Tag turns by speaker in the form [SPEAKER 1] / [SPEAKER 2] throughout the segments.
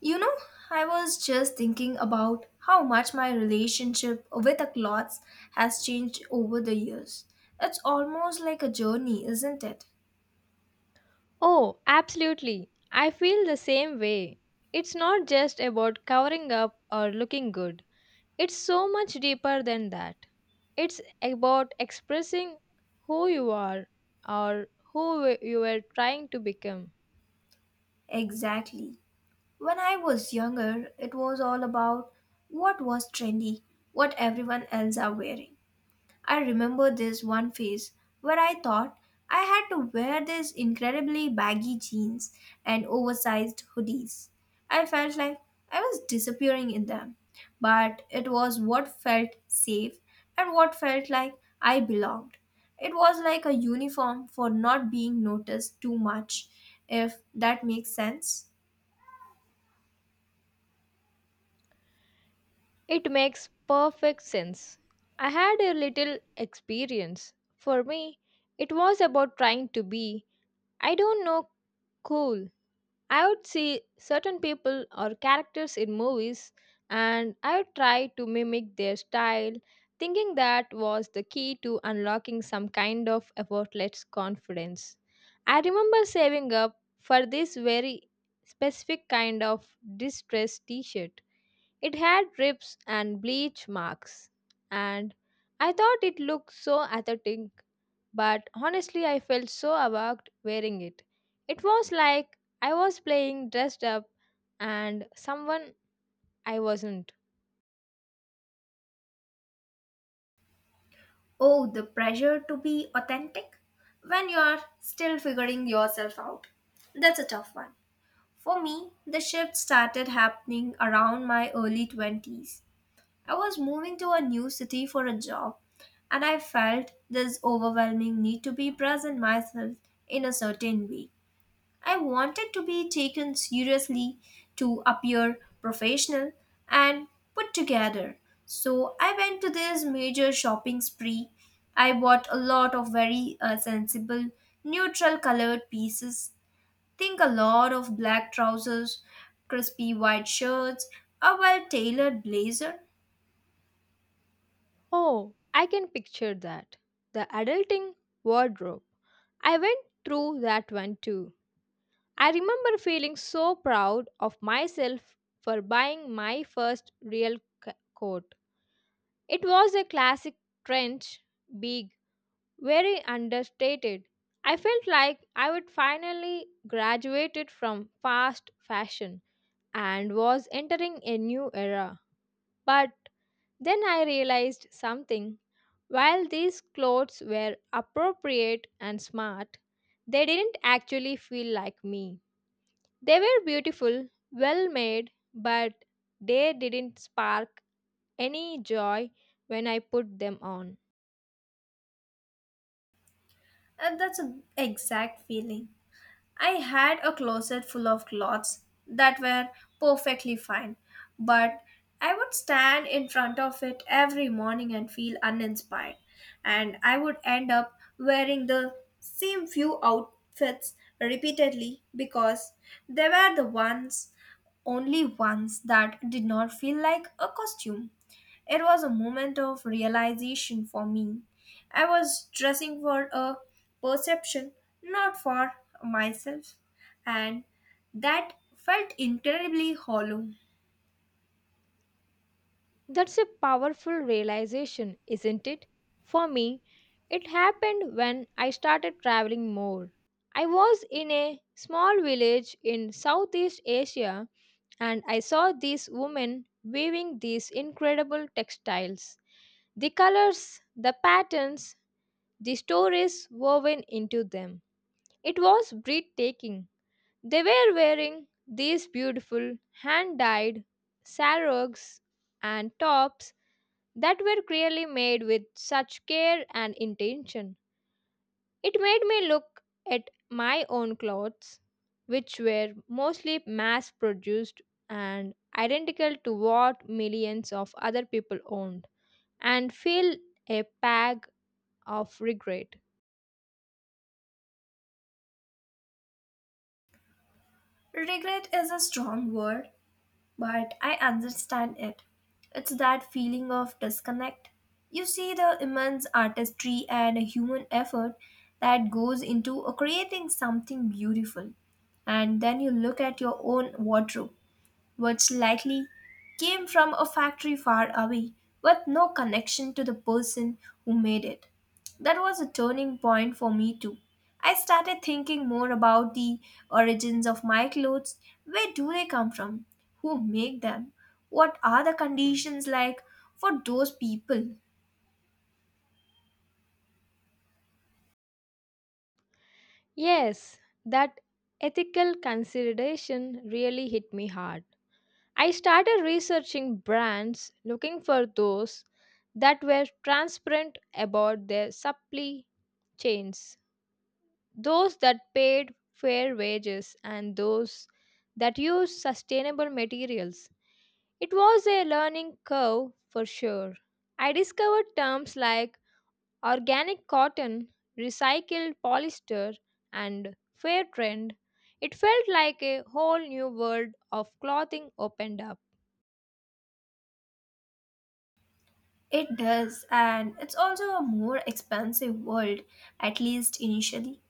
[SPEAKER 1] You know, I was just thinking about how much my relationship with the clothes has changed over the years. It's almost like a journey, isn't it?
[SPEAKER 2] Oh, absolutely. I feel the same way. It's not just about covering up or looking good, it's so much deeper than that. It's about expressing who you are or you were trying to become.
[SPEAKER 1] Exactly. When I was younger, it was all about what was trendy, what everyone else are wearing. I remember this one phase where I thought I had to wear these incredibly baggy jeans and oversized hoodies. I felt like I was disappearing in them, but it was what felt safe and what felt like I belonged. It was like a uniform for not being noticed too much, if that makes sense.
[SPEAKER 2] It makes perfect sense. I had a little experience. For me, it was about trying to be, I don't know, cool. I would see certain people or characters in movies and I would try to mimic their style, thinking that was the key to unlocking some kind of effortless confidence. I remember saving up for this very specific kind of distress t shirt. It had rips and bleach marks, and I thought it looked so aesthetic, but honestly, I felt so awkward wearing it. It was like I was playing dressed up and someone I wasn't.
[SPEAKER 1] Oh, the pressure to be authentic when you are still figuring yourself out. That's a tough one. For me, the shift started happening around my early 20s. I was moving to a new city for a job, and I felt this overwhelming need to be present myself in a certain way. I wanted to be taken seriously, to appear professional and put together. So I went to this major shopping spree. I bought a lot of very sensible, neutral colored pieces. Think a lot of black trousers, crispy white shirts, a well tailored blazer.
[SPEAKER 2] Oh, I can picture that. The adulting wardrobe. I went through that one too. I remember feeling so proud of myself for buying my first real coat. It was a classic trench, big, very understated. I felt like I would finally graduated from fast fashion and was entering a new era. But then I realized something. While these clothes were appropriate and smart, they didn't actually feel like me. They were beautiful, well made, but they didn't spark any joy when I put them on.
[SPEAKER 1] And that's an exact feeling. I had a closet full of clothes that were perfectly fine, but I would stand in front of it every morning and feel uninspired. And I would end up wearing the same few outfits repeatedly because they were the ones only once that did not feel like a costume. It was a moment of realization for me. I was dressing for a perception, not for myself, and that felt incredibly hollow.
[SPEAKER 2] That's a powerful realization, isn't it? For me, it happened when I started traveling more. I was in a small village in Southeast Asia and I saw these women weaving these incredible textiles. The colors, the patterns, the stories woven into them. It was breathtaking. They were wearing these beautiful hand dyed sarongs and tops that were clearly made with such care and intention. It made me look at my own clothes, which were mostly mass produced and identical to what millions of other people owned, and feel a pang of regret.
[SPEAKER 1] Regret is a strong word, but I understand it. It's that feeling of disconnect. You see the immense artistry and human effort that goes into creating something beautiful, and then you look at your own wardrobe which likely came from a factory far away with no connection to the person who made it. That was a turning point for me too. I started thinking more about the origins of my clothes. Where do they come from? Who make them? What are the conditions like for those people?
[SPEAKER 2] Yes, that ethical consideration really hit me hard. I started researching brands looking for those that were transparent about their supply chains, those that paid fair wages and those that used sustainable materials. It was a learning curve for sure. I discovered terms like organic cotton, recycled polyester, and fair trend. It felt like a whole new world of clothing opened up.
[SPEAKER 1] It does, and it's also a more expensive world, at least initially.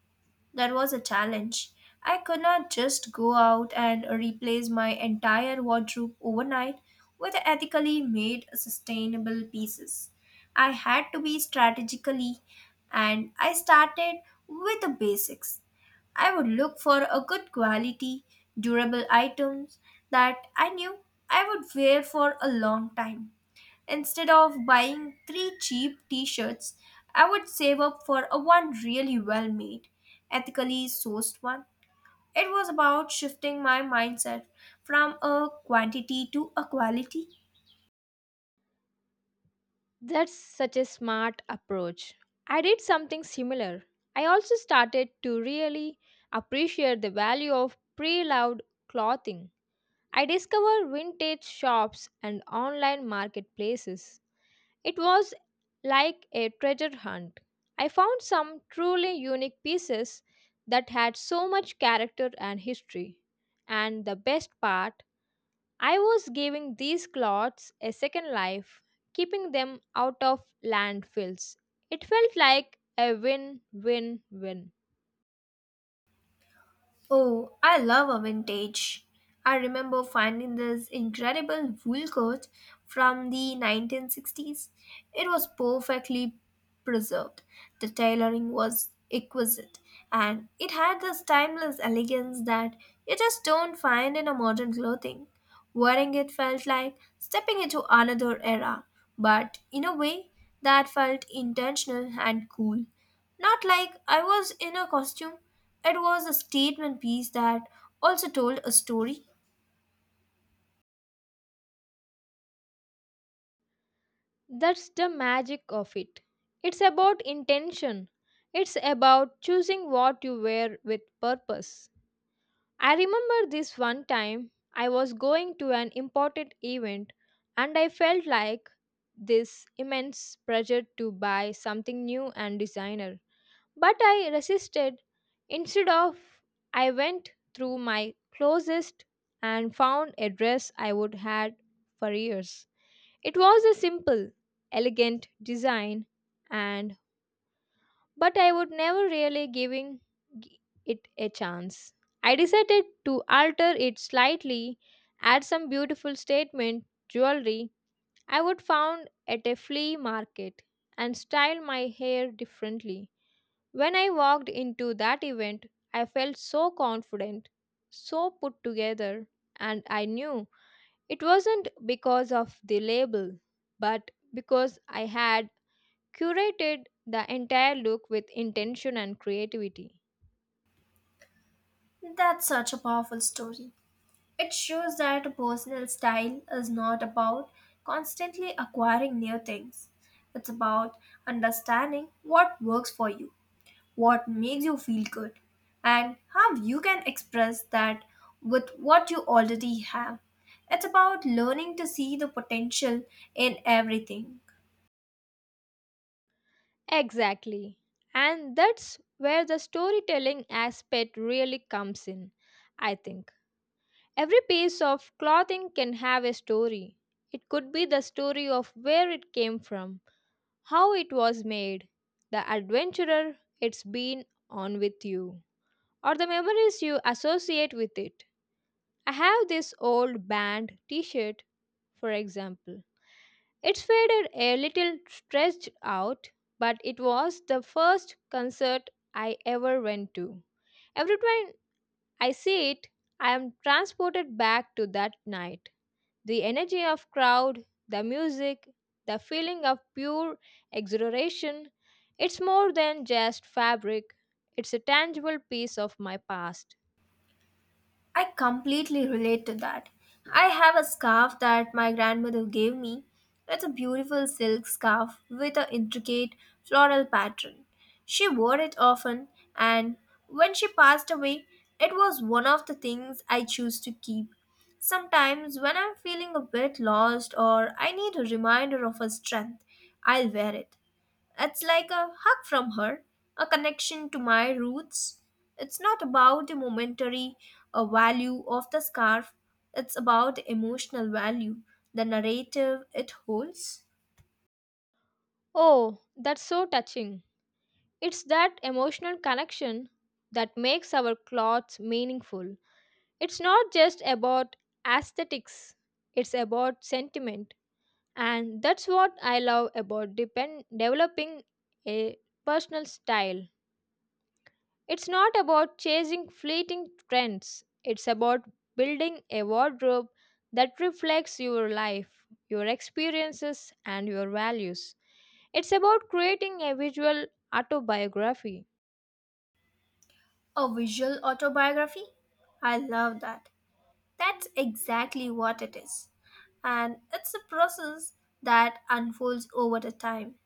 [SPEAKER 1] That was a challenge. I could not just go out and replace my entire wardrobe overnight with ethically made sustainable pieces. I had to be strategically and I started with the basics. I would look for a good quality, durable items that I knew I would wear for a long time. Instead of buying three cheap t shirts, I would save up for a one really well made, ethically sourced one. It was about shifting my mindset from a quantity to a quality.
[SPEAKER 2] That's such a smart approach. I did something similar. I also started to really appreciate the value of pre loved clothing. I discovered vintage shops and online marketplaces. It was like a treasure hunt. I found some truly unique pieces that had so much character and history. And the best part, I was giving these cloths a second life, keeping them out of landfills. It felt like a win win win.
[SPEAKER 1] Oh, I love a vintage. I remember finding this incredible wool coat from the 1960s. It was perfectly preserved. The tailoring was exquisite and it had this timeless elegance that you just don't find in a modern clothing. Wearing it felt like stepping into another era, but in a way that felt intentional and cool. Not like I was in a costume. It was a statement piece that also told a story.
[SPEAKER 2] That's the magic of it. It's about intention, it's about choosing what you wear with purpose. I remember this one time I was going to an important event and I felt like this immense pressure to buy something new and designer. But I resisted. Instead of I went through my closest and found a dress I would had for years. It was a simple, elegant design and but I would never really gi- it a chance. I decided to alter it slightly, add some beautiful statement jewelry I would found at a flea market and style my hair differently. When I walked into that event, I felt so confident, so put together, and I knew it wasn't because of the label, but because I had curated the entire look with intention and creativity.
[SPEAKER 1] That's such a powerful story. It shows that a personal style is not about constantly acquiring new things. It's about understanding what works for you, what makes you feel good, and how you can express that with what you already have. It's about learning to see the potential in everything.
[SPEAKER 2] Exactly. And that's where the storytelling aspect really comes in, I think. Every piece of clothing can have a story. It could be the story of where it came from, how it was made, the adventurer it's been on with you, or the memories you associate with it. I have this old band t shirt, for example. It's faded a little stretched out, but it was the first concert I ever went to. Every time I see it, I am transported back to that night. The energy of crowd, the music, the feeling of pure exhilaration, it's more than just fabric. It's a tangible piece of my past.
[SPEAKER 1] I completely relate to that. I have a scarf that my grandmother gave me. It's a beautiful silk scarf with an intricate floral pattern. She wore it often, and when she passed away, it was one of the things I choose to keep. Sometimes, when I'm feeling a bit lost or I need a reminder of her strength, I'll wear it. It's like a hug from her, a connection to my roots. It's not about the momentary value of the scarf, it's about the emotional value, the narrative it holds.
[SPEAKER 2] Oh, that's so touching. It's that emotional connection that makes our clothes meaningful. It's not just about aesthetics, it's about sentiment. And that's what I love about developing a personal style. It's not about chasing fleeting trends, it's about building a wardrobe that reflects your life, your experiences, and your values. It's about creating a visual autobiography.
[SPEAKER 1] A visual autobiography? I love that. That's exactly what it is. And it's a process that unfolds over the time.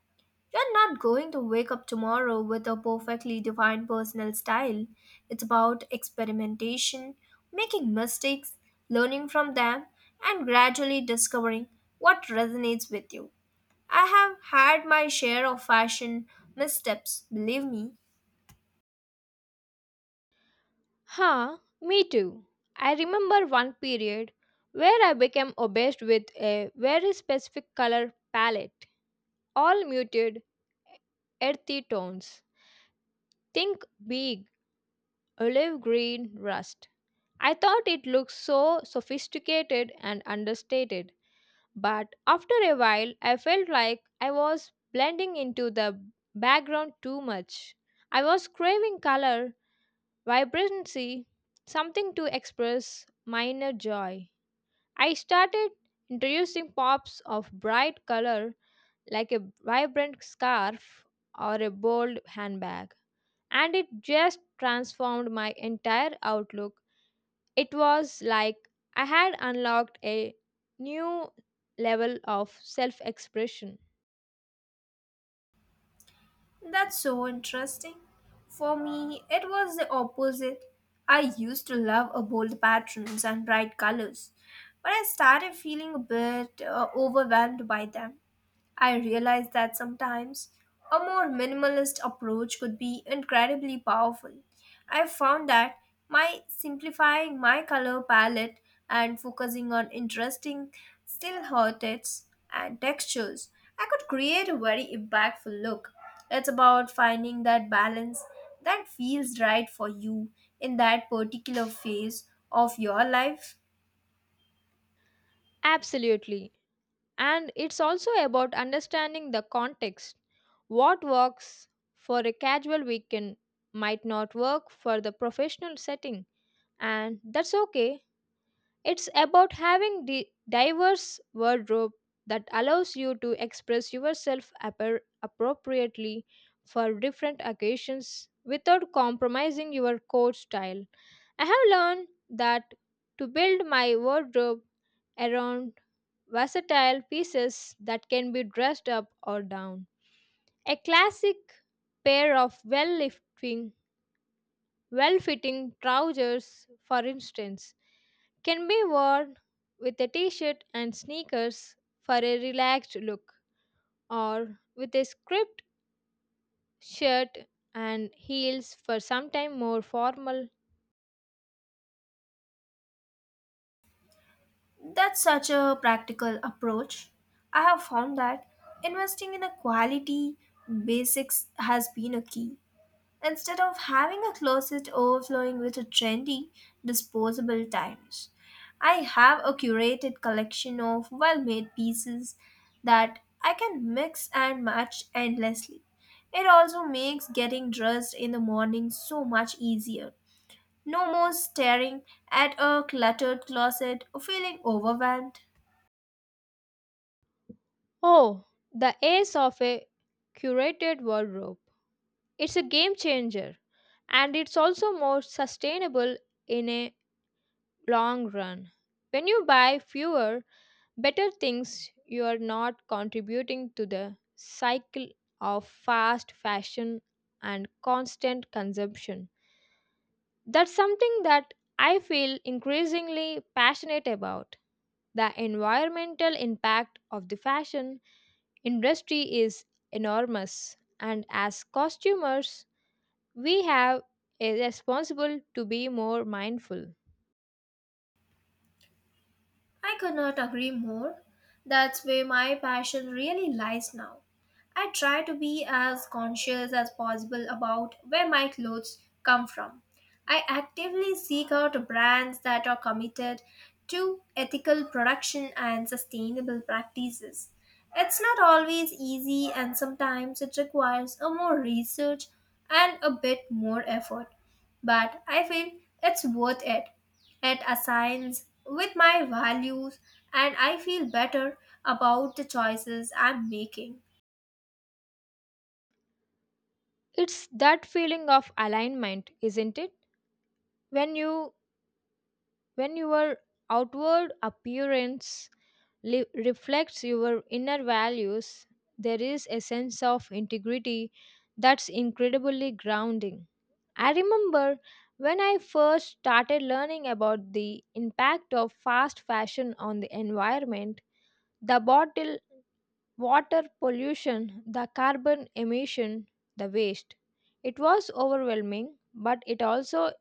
[SPEAKER 1] You're not going to wake up tomorrow with a perfectly defined personal style. It's about experimentation, making mistakes, learning from them, and gradually discovering what resonates with you. I have had my share of fashion missteps, believe me.
[SPEAKER 2] Huh, me too. I remember one period where I became obsessed with a very specific color palette, all muted, earthy tones. Think big, olive green, rust. I thought it looked so sophisticated and understated, but after a while I felt like I was blending into the background too much. I was craving color, vibrancy, something to express minor joy. I started introducing pops of bright color like a vibrant scarf or a bold handbag, and it just transformed my entire outlook. It was like I had unlocked a new level of self expression.
[SPEAKER 1] That's so interesting. For me, it was the opposite. I used to love bold patterns and bright colors, but I started feeling a bit overwhelmed by them. I realize that sometimes a more minimalist approach could be incredibly powerful. I found that my simplifying my color palette and focusing on interesting still heritage and textures, I could create a very impactful look. It's about finding that balance that feels right for you in that particular phase of your life.
[SPEAKER 2] Absolutely. And it's also about understanding the context. What works for a casual weekend might not work for the professional setting, and that's okay. It's about having the diverse wardrobe that allows you to express yourself appropriately for different occasions without compromising your core style. I have learned that to build my wardrobe around versatile pieces that can be dressed up or down. A classic pair of well-fitting trousers, for instance, can be worn with a t shirt and sneakers for a relaxed look, or with a script shirt and heels for sometime more formal.
[SPEAKER 1] That's such a practical approach. I have found that investing in a quality basics has been a key. Instead of having a closet overflowing with a trendy disposable items, I have a curated collection of well made pieces that I can mix and match endlessly. It also makes getting dressed in the morning so much easier. No more staring at a cluttered closet or feeling overwhelmed.
[SPEAKER 2] Oh, the ace of a curated wardrobe. It's a game changer and it's also more sustainable in a long run. When you buy fewer better things, you are not contributing to the cycle of fast fashion and constant consumption. That's something that I feel increasingly passionate about. The environmental impact of the fashion industry is enormous, and as consumers we have a responsible to be more mindful.
[SPEAKER 1] I could not agree more. That's where my passion really lies now. I try to be as conscious as possible about where my clothes come from. I actively seek out brands that are committed to ethical production and sustainable practices. It's not always easy, and sometimes it requires a more research and a bit more effort. But I feel it's worth it. It aligns with my values, and I feel better about the choices I'm making.
[SPEAKER 2] It's that feeling of alignment, isn't it? When you when your outward appearance reflects your inner values, there is a sense of integrity that's incredibly grounding. I remember when I first started learning about the impact of fast fashion on the environment, the bottle water pollution, the carbon emission, the waste. It was overwhelming, but it also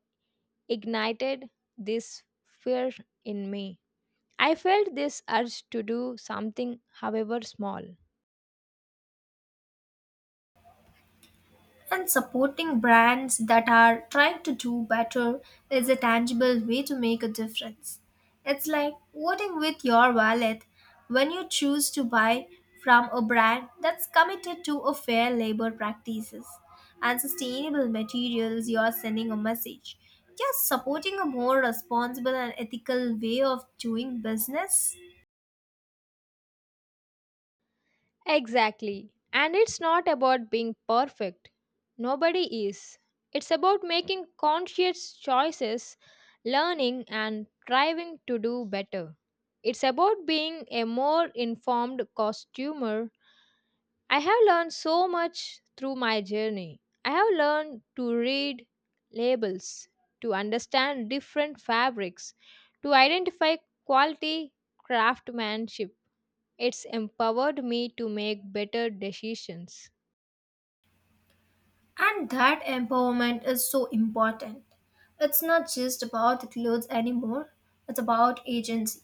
[SPEAKER 2] ignited this fear in me. I felt this urge to do something, however small.
[SPEAKER 1] And supporting brands that are trying to do better is a tangible way to make a difference. It's like voting with your wallet when you choose to buy from a brand that's committed to a fair labor practices and sustainable materials you're sending a message. You supporting a more responsible and ethical way of doing business.
[SPEAKER 2] Exactly. And it's not about being perfect. Nobody is. It's about making conscious choices, learning, and striving to do better. It's about being a more informed consumer. I have learned so much through my journey. I have learned to read labels, to understand different fabrics, to identify quality craftsmanship. It's empowered me to make better decisions.
[SPEAKER 1] And that empowerment is so important. It's not just about the clothes anymore, it's about agency.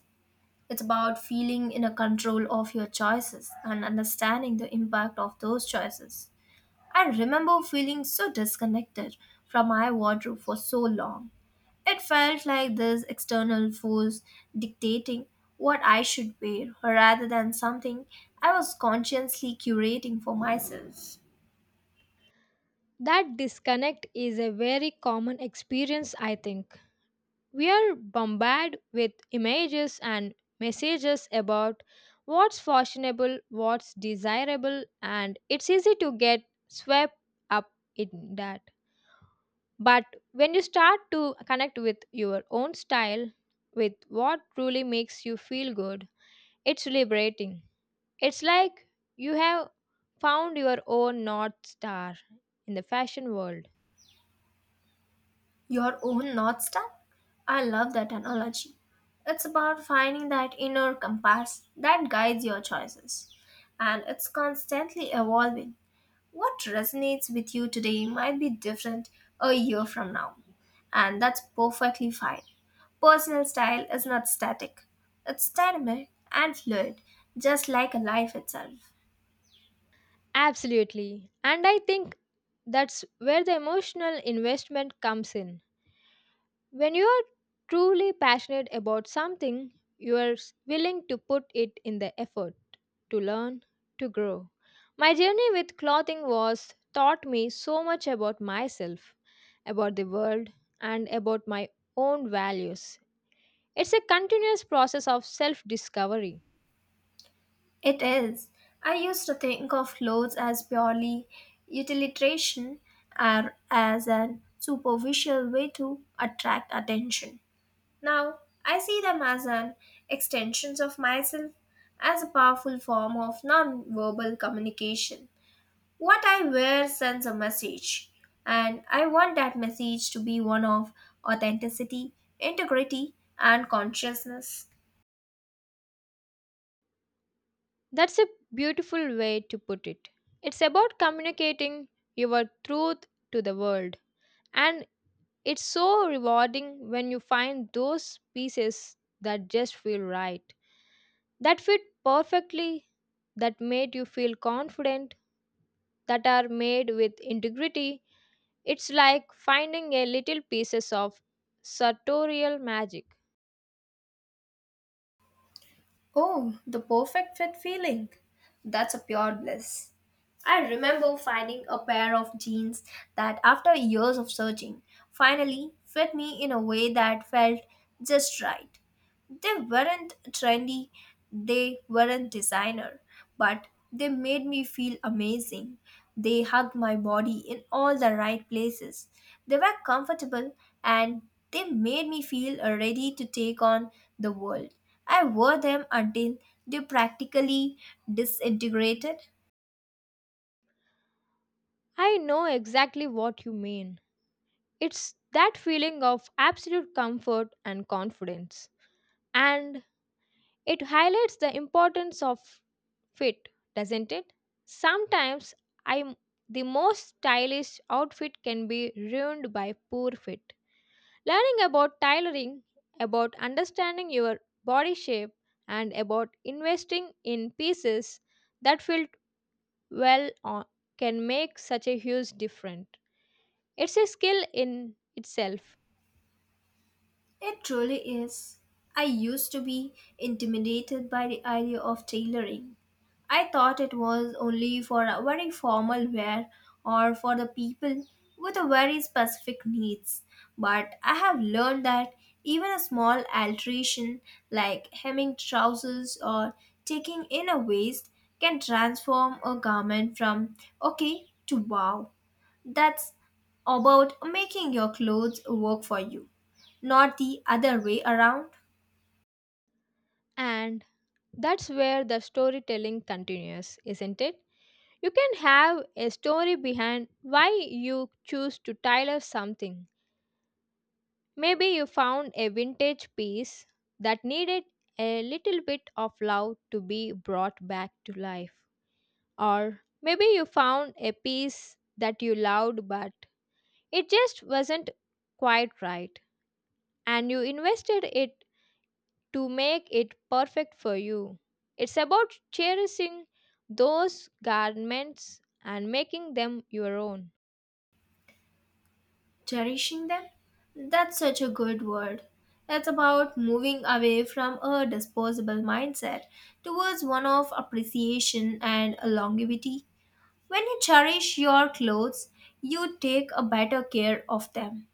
[SPEAKER 1] It's about feeling in a control of your choices and understanding the impact of those choices. I remember feeling so disconnected from my wardrobe for so long. It felt like this external force dictating what I should wear rather than something I was consciously curating for myself.
[SPEAKER 2] That disconnect is a very common experience, I think. We are bombarded with images and messages about what's fashionable, what's desirable, and it's easy to get swept up in that. But when you start to connect with your own style, with what truly makes you feel good, it's liberating. It's like you have found your own North Star in the fashion world.
[SPEAKER 1] Your own North Star? I love that analogy. It's about finding that inner compass that guides your choices, and it's constantly evolving. What resonates with you today might be different a year from now, and that's perfectly fine. Personal style is not static, it's dynamic and fluid, just like life itself.
[SPEAKER 2] Absolutely. And I think that's where the emotional investment comes in. When you are truly passionate about something, you are willing to put it in the effort to learn, to grow. My journey with clothing was taught me so much about myself, about the world, and about my own values. It's a continuous process of self discovery.
[SPEAKER 1] It is. I used to think of clothes as purely utilitarian or as an superficial way to attract attention. Now, I see them as an extensions of myself, as a powerful form of non-verbal communication. What I wear sends a message, and I want that message to be one of authenticity, integrity, and consciousness.
[SPEAKER 2] That's a beautiful way to put it. It's about communicating your truth to the world. And it's so rewarding when you find those pieces that just feel right, that fit perfectly, that made you feel confident, that are made with integrity. It's like finding a little pieces of sartorial magic.
[SPEAKER 1] Oh, the perfect fit feeling. That's a pure bliss. I remember finding a pair of jeans that, after years of searching, finally fit me in a way that felt just right. They weren't trendy, they weren't designer, but they made me feel amazing. They hugged my body in all the right places. They were comfortable and they made me feel ready to take on the world. I wore them until they practically disintegrated.
[SPEAKER 2] I know exactly what you mean. It's that feeling of absolute comfort and confidence. And it highlights the importance of fit, doesn't it? Sometimes I the most stylish outfit can be ruined by poor fit. Learning about tailoring, about understanding your body shape, and about investing in pieces that fit well on, can make such a huge difference. It's a skill in itself.
[SPEAKER 1] It truly is. I used to be intimidated by the idea of tailoring. I thought it was only for a very formal wear or for the people with a very specific needs. But I have learned that even a small alteration like hemming trousers or taking in a waist can transform a garment from okay to wow. That's about making your clothes work for you, not the other way around.
[SPEAKER 2] And that's where the storytelling continues, isn't it? You can have a story behind why you choose to tailor something. Maybe you found a vintage piece that needed a little bit of love to be brought back to life. Or maybe you found a piece that you loved but it just wasn't quite right and you invested it to make it perfect for you. It's about cherishing those garments and making them your own.
[SPEAKER 1] Cherishing them. That's such a good word. It's about moving away from a disposable mindset towards one of appreciation and longevity. When you cherish your clothes, you take a better care of them.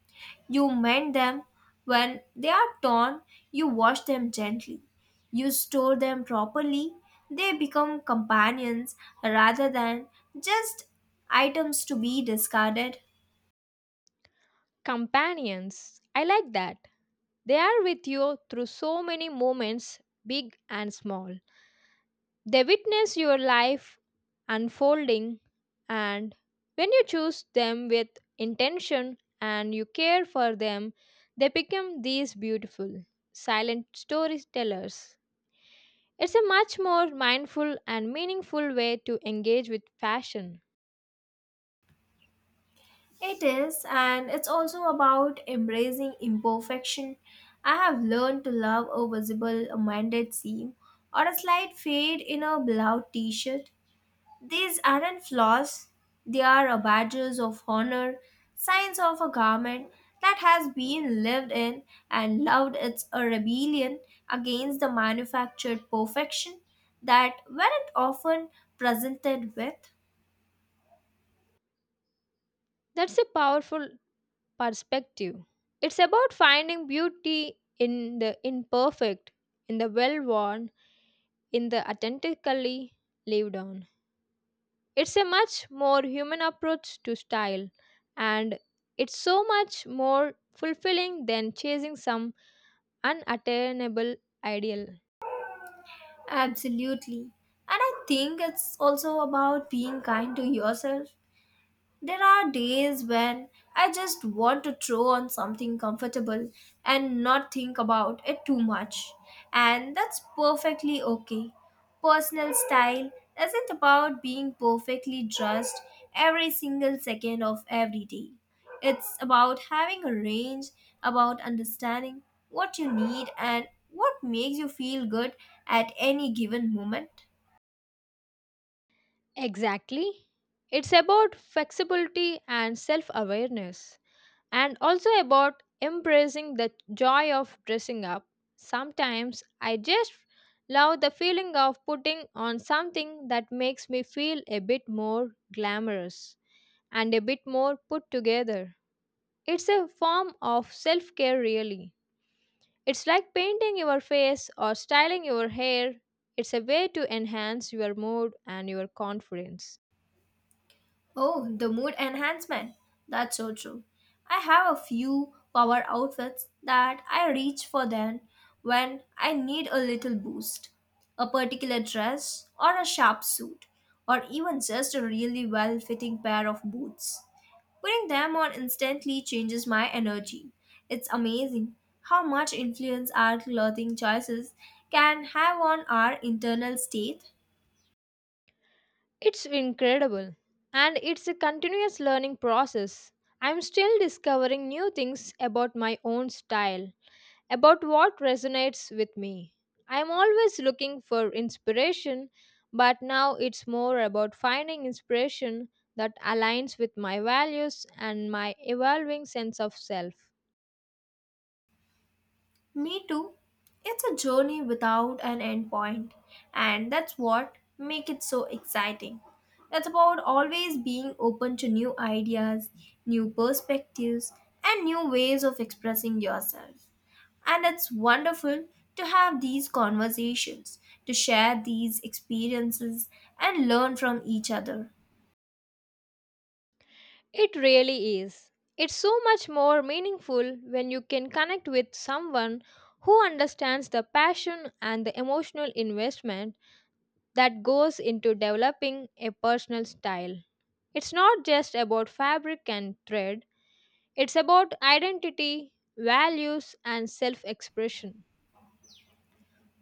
[SPEAKER 1] You mend them when they are torn, you wash them gently. You store them properly. They become companions rather than just items to be discarded.
[SPEAKER 2] Companions. I like that. They are with you through so many moments, big and small. They witness your life unfolding, and when you choose them with intention and you care for them, they become these beautiful, silent storytellers. It's a much more mindful and meaningful way to engage with fashion.
[SPEAKER 1] It is, and it's also about embracing imperfection. I have learned to love a visible, mended seam or a slight fade in a beloved t shirt. These aren't flaws, they are a badges of honor, signs of a garment that has been lived in and loved. It's a rebellion against the manufactured perfection that weren't often presented with.
[SPEAKER 2] That's a powerful perspective. It's about finding beauty in the imperfect, in the well worn, in the authentically lived on. It's a much more human approach to style, and it's so much more fulfilling than chasing some unattainable ideal.
[SPEAKER 1] Absolutely. And I think it's also about being kind to yourself. There are days when I just want to throw on something comfortable and not think about it too much. And that's perfectly okay. Personal style isn't about being perfectly dressed every single second of every day. It's about having a range, about understanding what you need and what makes you feel good at any given moment.
[SPEAKER 2] Exactly. It's about flexibility and self awareness, and also about embracing the joy of dressing up. Sometimes I just love the feeling of putting on something that makes me feel a bit more glamorous and a bit more put together. It's a form of self care, really. It's like painting your face or styling your hair. It's a way to enhance your mood and your confidence.
[SPEAKER 1] Oh, the mood enhancement. That's so true. I have a few power outfits that I reach for then when I need a little boost. A particular dress or a sharp suit or even just a really well-fitting pair of boots. Putting them on instantly changes my energy. It's amazing how much influence our clothing choices can have on our internal state.
[SPEAKER 2] It's incredible. And it's a continuous learning process. I'm still discovering new things about my own style, about what resonates with me. I'm always looking for inspiration, but now it's more about finding inspiration that aligns with my values and my evolving sense of self.
[SPEAKER 1] Me too. It's a journey without an endpoint, and that's what make it so exciting. It's about always being open to new ideas, new perspectives, and new ways of expressing yourself. And it's wonderful to have these conversations, to share these experiences and learn from each other.
[SPEAKER 2] It really is. It's so much more meaningful when you can connect with someone who understands the passion and the emotional investment that goes into developing a personal style. It's not just about fabric and thread, it's about identity, values, and self expression.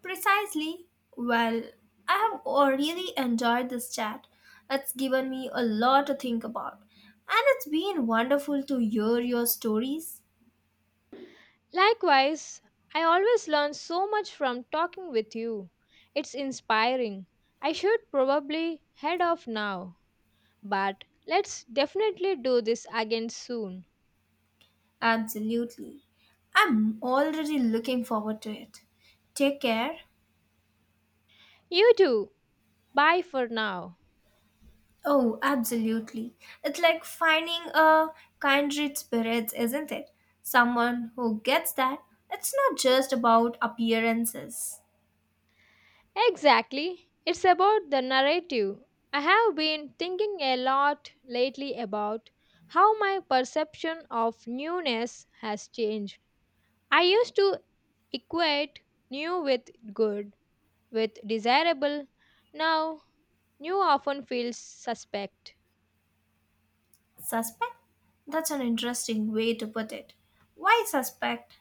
[SPEAKER 1] Precisely. Well, I have really enjoyed this chat. It's given me a lot to think about. And it's been wonderful to hear your stories.
[SPEAKER 2] Likewise, I always learn so much from talking with you. It's inspiring. I should probably head off now, but let's definitely do this again soon.
[SPEAKER 1] Absolutely. I'm already looking forward to it. Take care.
[SPEAKER 2] You too. Bye for now.
[SPEAKER 1] Oh, absolutely. It's like finding a kindred spirit, isn't it? Someone who gets that. It's not just about appearances.
[SPEAKER 2] Exactly. It's about the narrative. I have been thinking a lot lately about how my perception of newness has changed. I used to equate new with good, with desirable. Now, new often feels suspect.
[SPEAKER 1] Suspect? That's an interesting way to put it. Why suspect?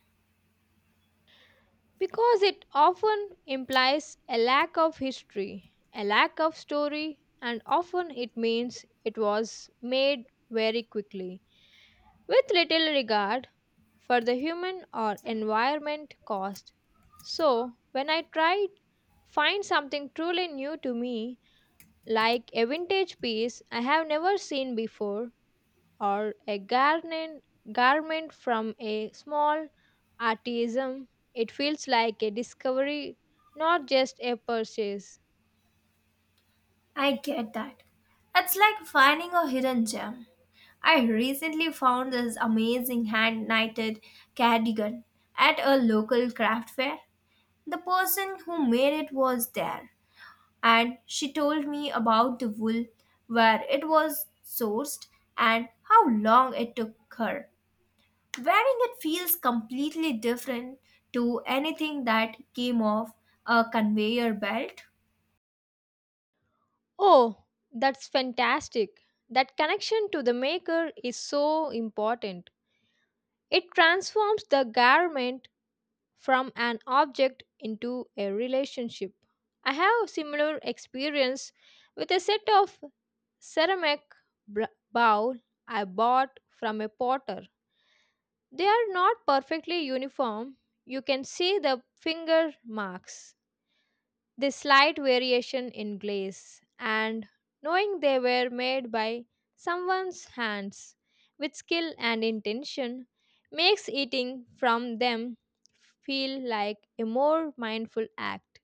[SPEAKER 2] Because it often implies a lack of history, a lack of story, and often it means it was made very quickly, with little regard for the human or environment cost. So, when I tried find something truly new to me, like a vintage piece I have never seen before, or a garment from a small artisan, it feels like a discovery, not just a purchase.
[SPEAKER 1] I get that. It's like finding a hidden gem. I recently found this amazing hand knitted cardigan at a local craft fair. The person who made it was there, and she told me about the wool, where it was sourced, and how long it took her. Wearing it feels completely different to anything that came off a conveyor belt.
[SPEAKER 2] Oh, that's fantastic. That connection to the maker is so important. It transforms the garment from an object into a relationship. I have similar experience with a set of ceramic bowl I bought from a potter. They are not perfectly uniform. You can see the finger marks, the slight variation in glaze, and knowing they were made by someone's hands with skill and intention makes eating from them feel like a more mindful act.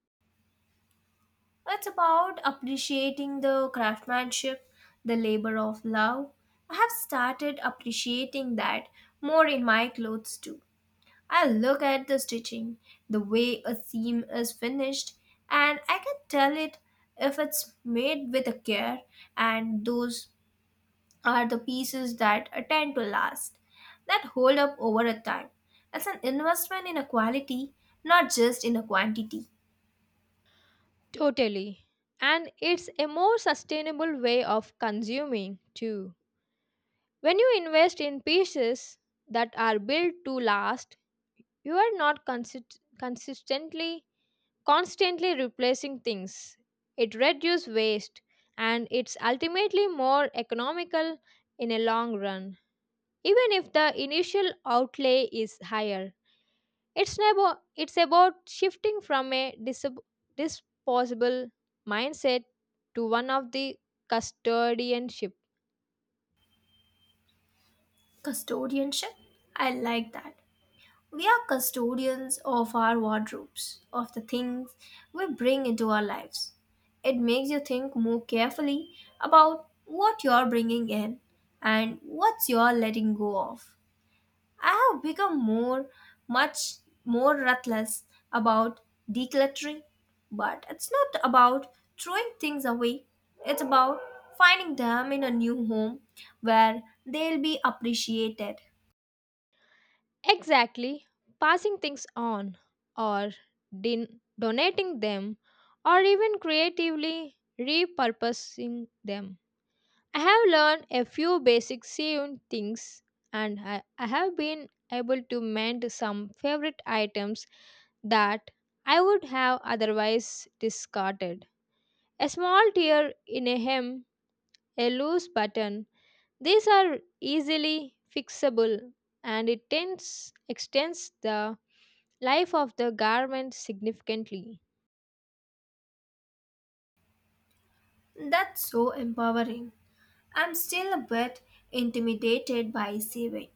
[SPEAKER 1] It's about appreciating the craftsmanship, the labor of love. I have started appreciating that more in my clothes too. I look at the stitching, the way a seam is finished, and I can tell it if it's made with a care, and those are the pieces that tend to last, that hold up over a time. It's an investment in a quality, not just in a quantity.
[SPEAKER 2] Totally. And it's a more sustainable way of consuming too. When you invest in pieces that are built to last, you are not consistently constantly replacing things. It reduces waste, and it's ultimately more economical in a long run, even if the initial outlay is higher. It's never it's about shifting from a disposable mindset to one of the custodianship.
[SPEAKER 1] Custodianship? I like that. We are custodians of our wardrobes, of the things we bring into our lives. It makes you think more carefully about what you're bringing in and what's you're letting go of. I have become more, much more ruthless about decluttering, but it's not about throwing things away. It's about finding them in a new home where they'll be appreciated.
[SPEAKER 2] Exactly, passing things on or donating them or even creatively repurposing them. I have learned a few basic sewn things, and I have been able to mend some favorite items that I would have otherwise discarded. A small tear in a hem, a loose button, these are easily fixable, and it tends, extends the life of the garment significantly.
[SPEAKER 1] That's so empowering. I'm still a bit intimidated by saving,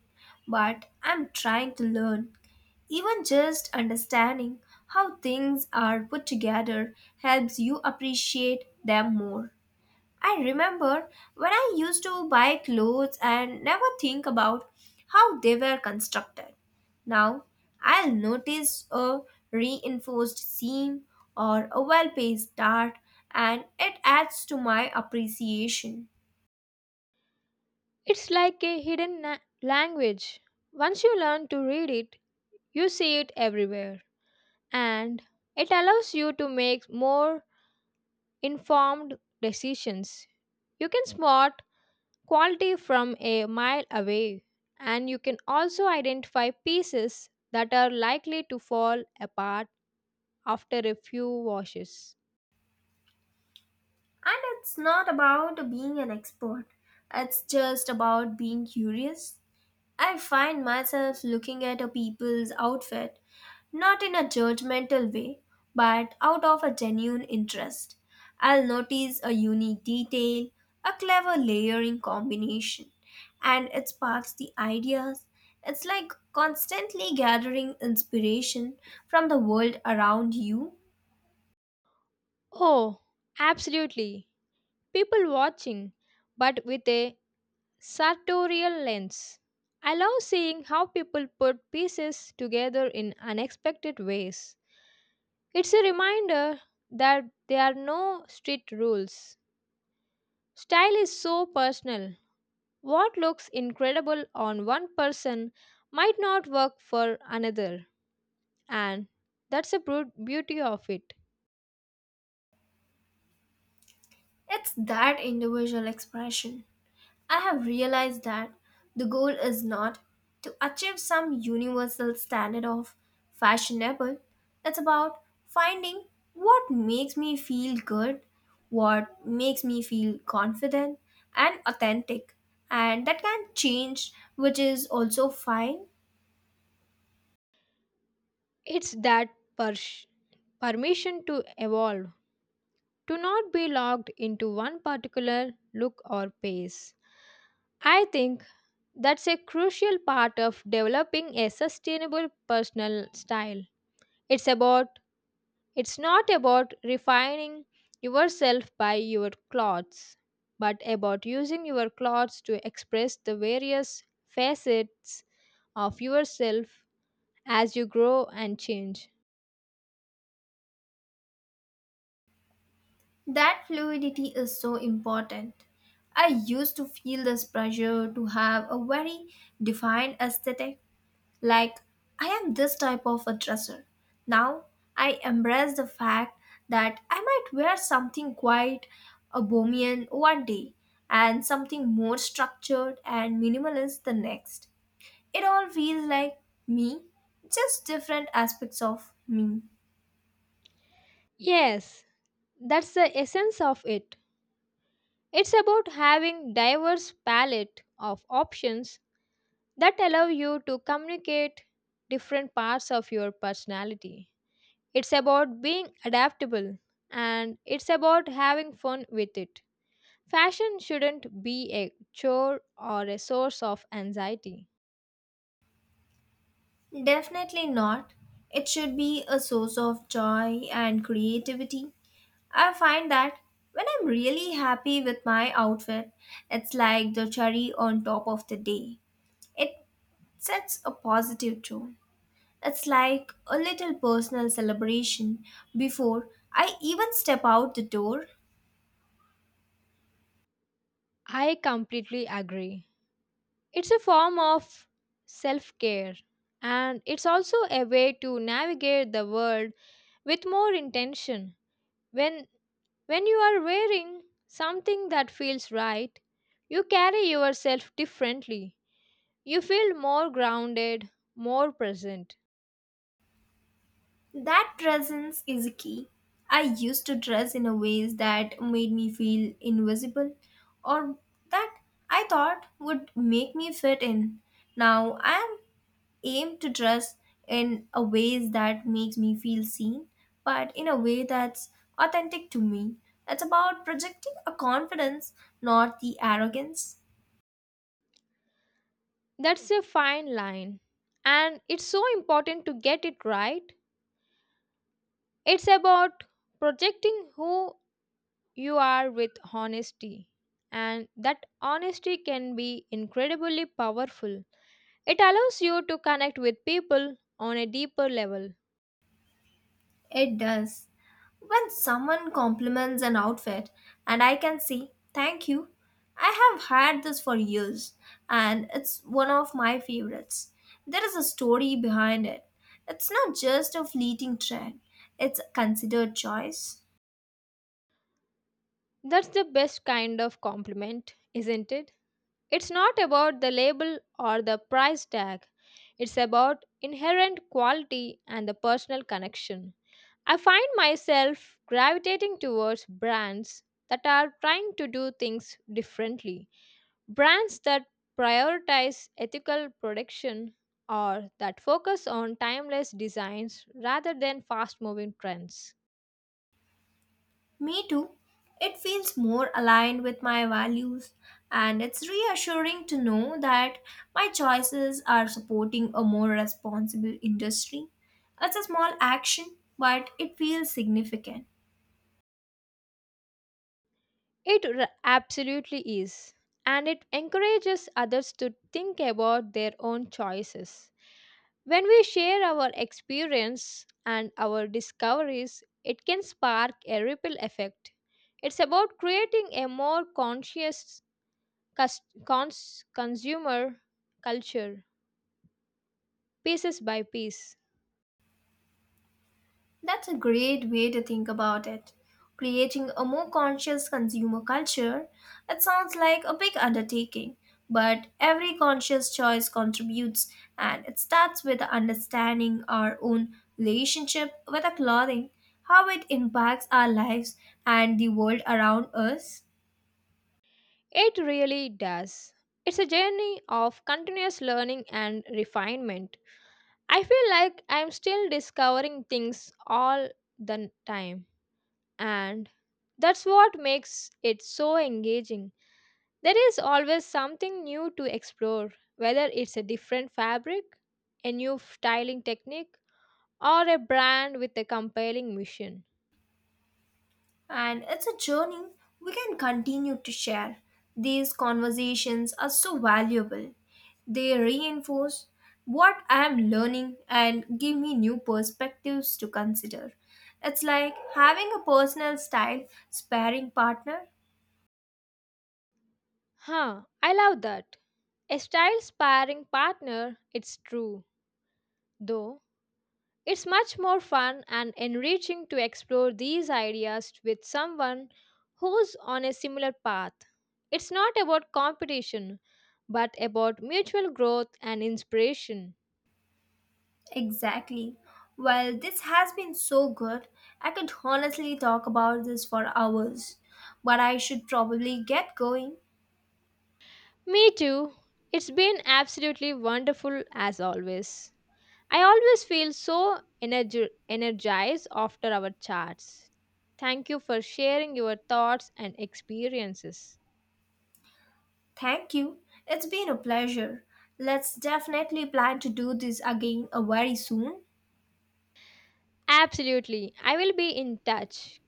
[SPEAKER 1] but I'm trying to learn. Even just understanding how things are put together helps you appreciate them more. I remember when I used to buy clothes and never think about how they were constructed. Now I'll notice a reinforced seam or a well paced dart, and it adds to my appreciation.
[SPEAKER 2] It's like a hidden language. Once you learn to read it, you see it everywhere, and it allows you to make more informed decisions. You can spot quality from a mile away, and you can also identify pieces that are likely to fall apart after a few washes.
[SPEAKER 1] And it's not about being an expert, it's just about being curious. I find myself looking at a people's outfit not in a judgmental way, but out of a genuine interest. I'll notice a unique detail, a clever layering combination, and it sparks the ideas. It's like constantly gathering inspiration from the world around you.
[SPEAKER 2] Oh, absolutely. People watching, but with a sartorial lens. I love seeing how people put pieces together in unexpected ways. It's a reminder that there are no strict rules. Style is so personal. What looks incredible on one person might not work for another, and that's the brute beauty of it.
[SPEAKER 1] It's that individual expression. I have realized that the goal is not to achieve some universal standard of fashionable. It's about finding what makes me feel good, what makes me feel confident and authentic. And that can change, which is also fine.
[SPEAKER 2] It's that pers- permission to evolve, to not be locked into one particular look or pace. I think that's a crucial part of developing a sustainable personal style. It's about it's not about refining yourself by your clothes, but about using your clothes to express the various facets of yourself as you grow and change.
[SPEAKER 1] That fluidity is so important. I used to feel this pressure to have a very defined aesthetic. Like, I am this type of a dresser. Now, I embrace the fact that I might wear something quite a bohemian one day and something more structured and minimalist the next. It all feels like me, just different aspects of me.
[SPEAKER 2] Yes, that's the essence of it. It's about having diverse palette of options that allow you to communicate different parts of your personality. It's about being adaptable, and it's about having fun with it. Fashion shouldn't be a chore or a source of anxiety.
[SPEAKER 1] Definitely not. It should be a source of joy and creativity. I find that when I'm really happy with my outfit, it's like the cherry on top of the day. It sets a positive tone. It's like a little personal celebration before I even step out the door.
[SPEAKER 2] I completely agree. It's a form of self care, and it's also a way to navigate the world with more intention. when when you are wearing something that feels right, you carry yourself differently, you feel more grounded, more present.
[SPEAKER 1] That presence is a key. I used to dress in a ways that made me feel invisible or that I thought would make me fit in. Now I am aimed to dress in a ways that makes me feel seen, but in a way that's authentic to me. It's about projecting a confidence, not the arrogance.
[SPEAKER 2] That's a fine line, and it's so important to get it right. It's about projecting who you are with honesty, and that honesty can be incredibly powerful. It allows you to connect with people on a deeper level.
[SPEAKER 1] It does. When someone compliments an outfit and I can say, thank you, I have had this for years and it's one of my favorites. There is a story behind it. It's not just a fleeting trend, it's a considered choice.
[SPEAKER 2] That's the best kind of compliment, isn't it? It's not about the label or the price tag, it's about inherent quality and the personal connection. I find myself gravitating towards brands that are trying to do things differently, brands that prioritize ethical production or that focus on timeless designs rather than fast moving trends.
[SPEAKER 1] Me too. It feels more aligned with my values, and it's reassuring to know that my choices are supporting a more responsible industry. It's a small action, but it feels significant.
[SPEAKER 2] Absolutely is, and it encourages others to think about their own choices. When we share our experience and our discoveries, it can spark a ripple effect. It's about creating a more conscious consumer culture, pieces by piece.
[SPEAKER 1] That's a great way to think about it. Creating a more conscious consumer culture, it sounds like a big undertaking, but every conscious choice contributes and it starts with understanding our own relationship with our clothing, how it impacts our lives and the world around us.
[SPEAKER 2] It really does. It's a journey of continuous learning and refinement. I feel like I'm still discovering things all the time, and that's what makes it so engaging. There is always something new to explore, whether it's a different fabric, a styling technique, or a brand with a compelling mission.
[SPEAKER 1] And it's a journey we can continue to share. These conversations are so valuable. They reinforce what I am learning and give me new perspectives to consider. It's like having a personal style sparring partner.
[SPEAKER 2] Huh, I love that. A style sparring partner, it's true, though. It's much more fun and enriching to explore these ideas with someone who's on a similar path. It's not about competition, but about mutual growth and inspiration.
[SPEAKER 1] Exactly. Well, this has been so good. I could honestly talk about this for hours, but I should probably get going.
[SPEAKER 2] Me too. It's been absolutely wonderful as always. I always feel so energized after our chats. Thank you for sharing your thoughts and experiences.
[SPEAKER 1] Thank you. It's been a pleasure. Let's definitely plan to do this again very soon.
[SPEAKER 2] Absolutely. I will be in touch.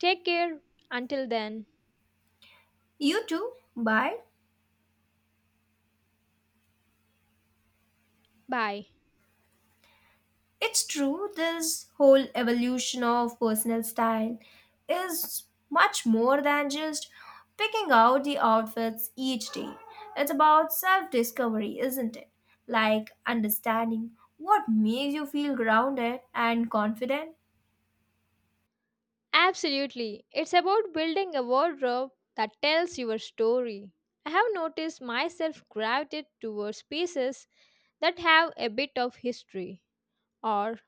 [SPEAKER 2] Take care. Until then,
[SPEAKER 1] You too. Bye.
[SPEAKER 2] bye.
[SPEAKER 1] It's true, this whole evolution of personal style is much more than just picking out the outfits each day. It's about self discovery, isn't it? Like understanding what makes you feel grounded and confident.
[SPEAKER 2] Absolutely. It's about building a wardrobe that tells your story. I have noticed myself gravitate towards pieces that have a bit of history or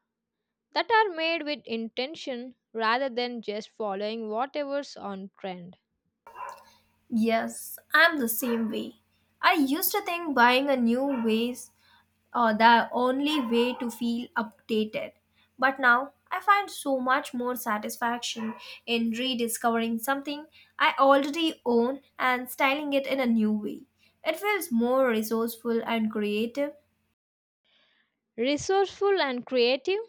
[SPEAKER 2] that are made with intention rather than just following whatever's on trend.
[SPEAKER 1] Yes, I'm the same way. I used to think buying a new vase or the only way to feel updated. But now I find so much more satisfaction in rediscovering something I already own and styling it in a new way. It feels more resourceful and creative,
[SPEAKER 2] Resourceful and creative,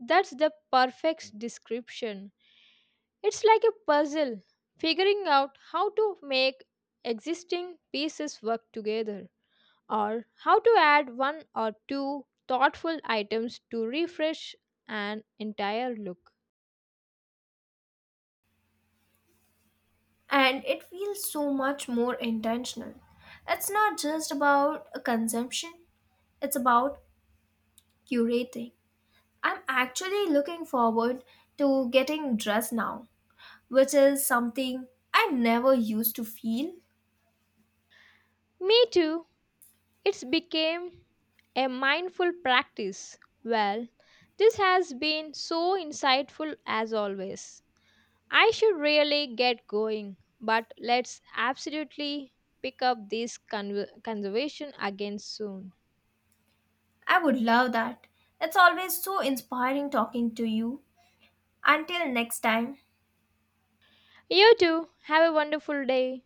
[SPEAKER 2] that's the perfect description. It's like a puzzle, figuring out how to make existing pieces work together, or how to add one or two thoughtful items to refresh an entire look.
[SPEAKER 1] and it feels so much more intentional. It's not just about a consumption, it's about curating. I'm actually looking forward to getting dressed now, which is something I never used to feel.
[SPEAKER 2] Me too. It's became a mindful practice. Well, this has been so insightful as always. I should really get going, but let's absolutely pick up this conservation again soon.
[SPEAKER 1] I would love that. It's always so inspiring talking to you. Until next time.
[SPEAKER 2] You too, have a wonderful day.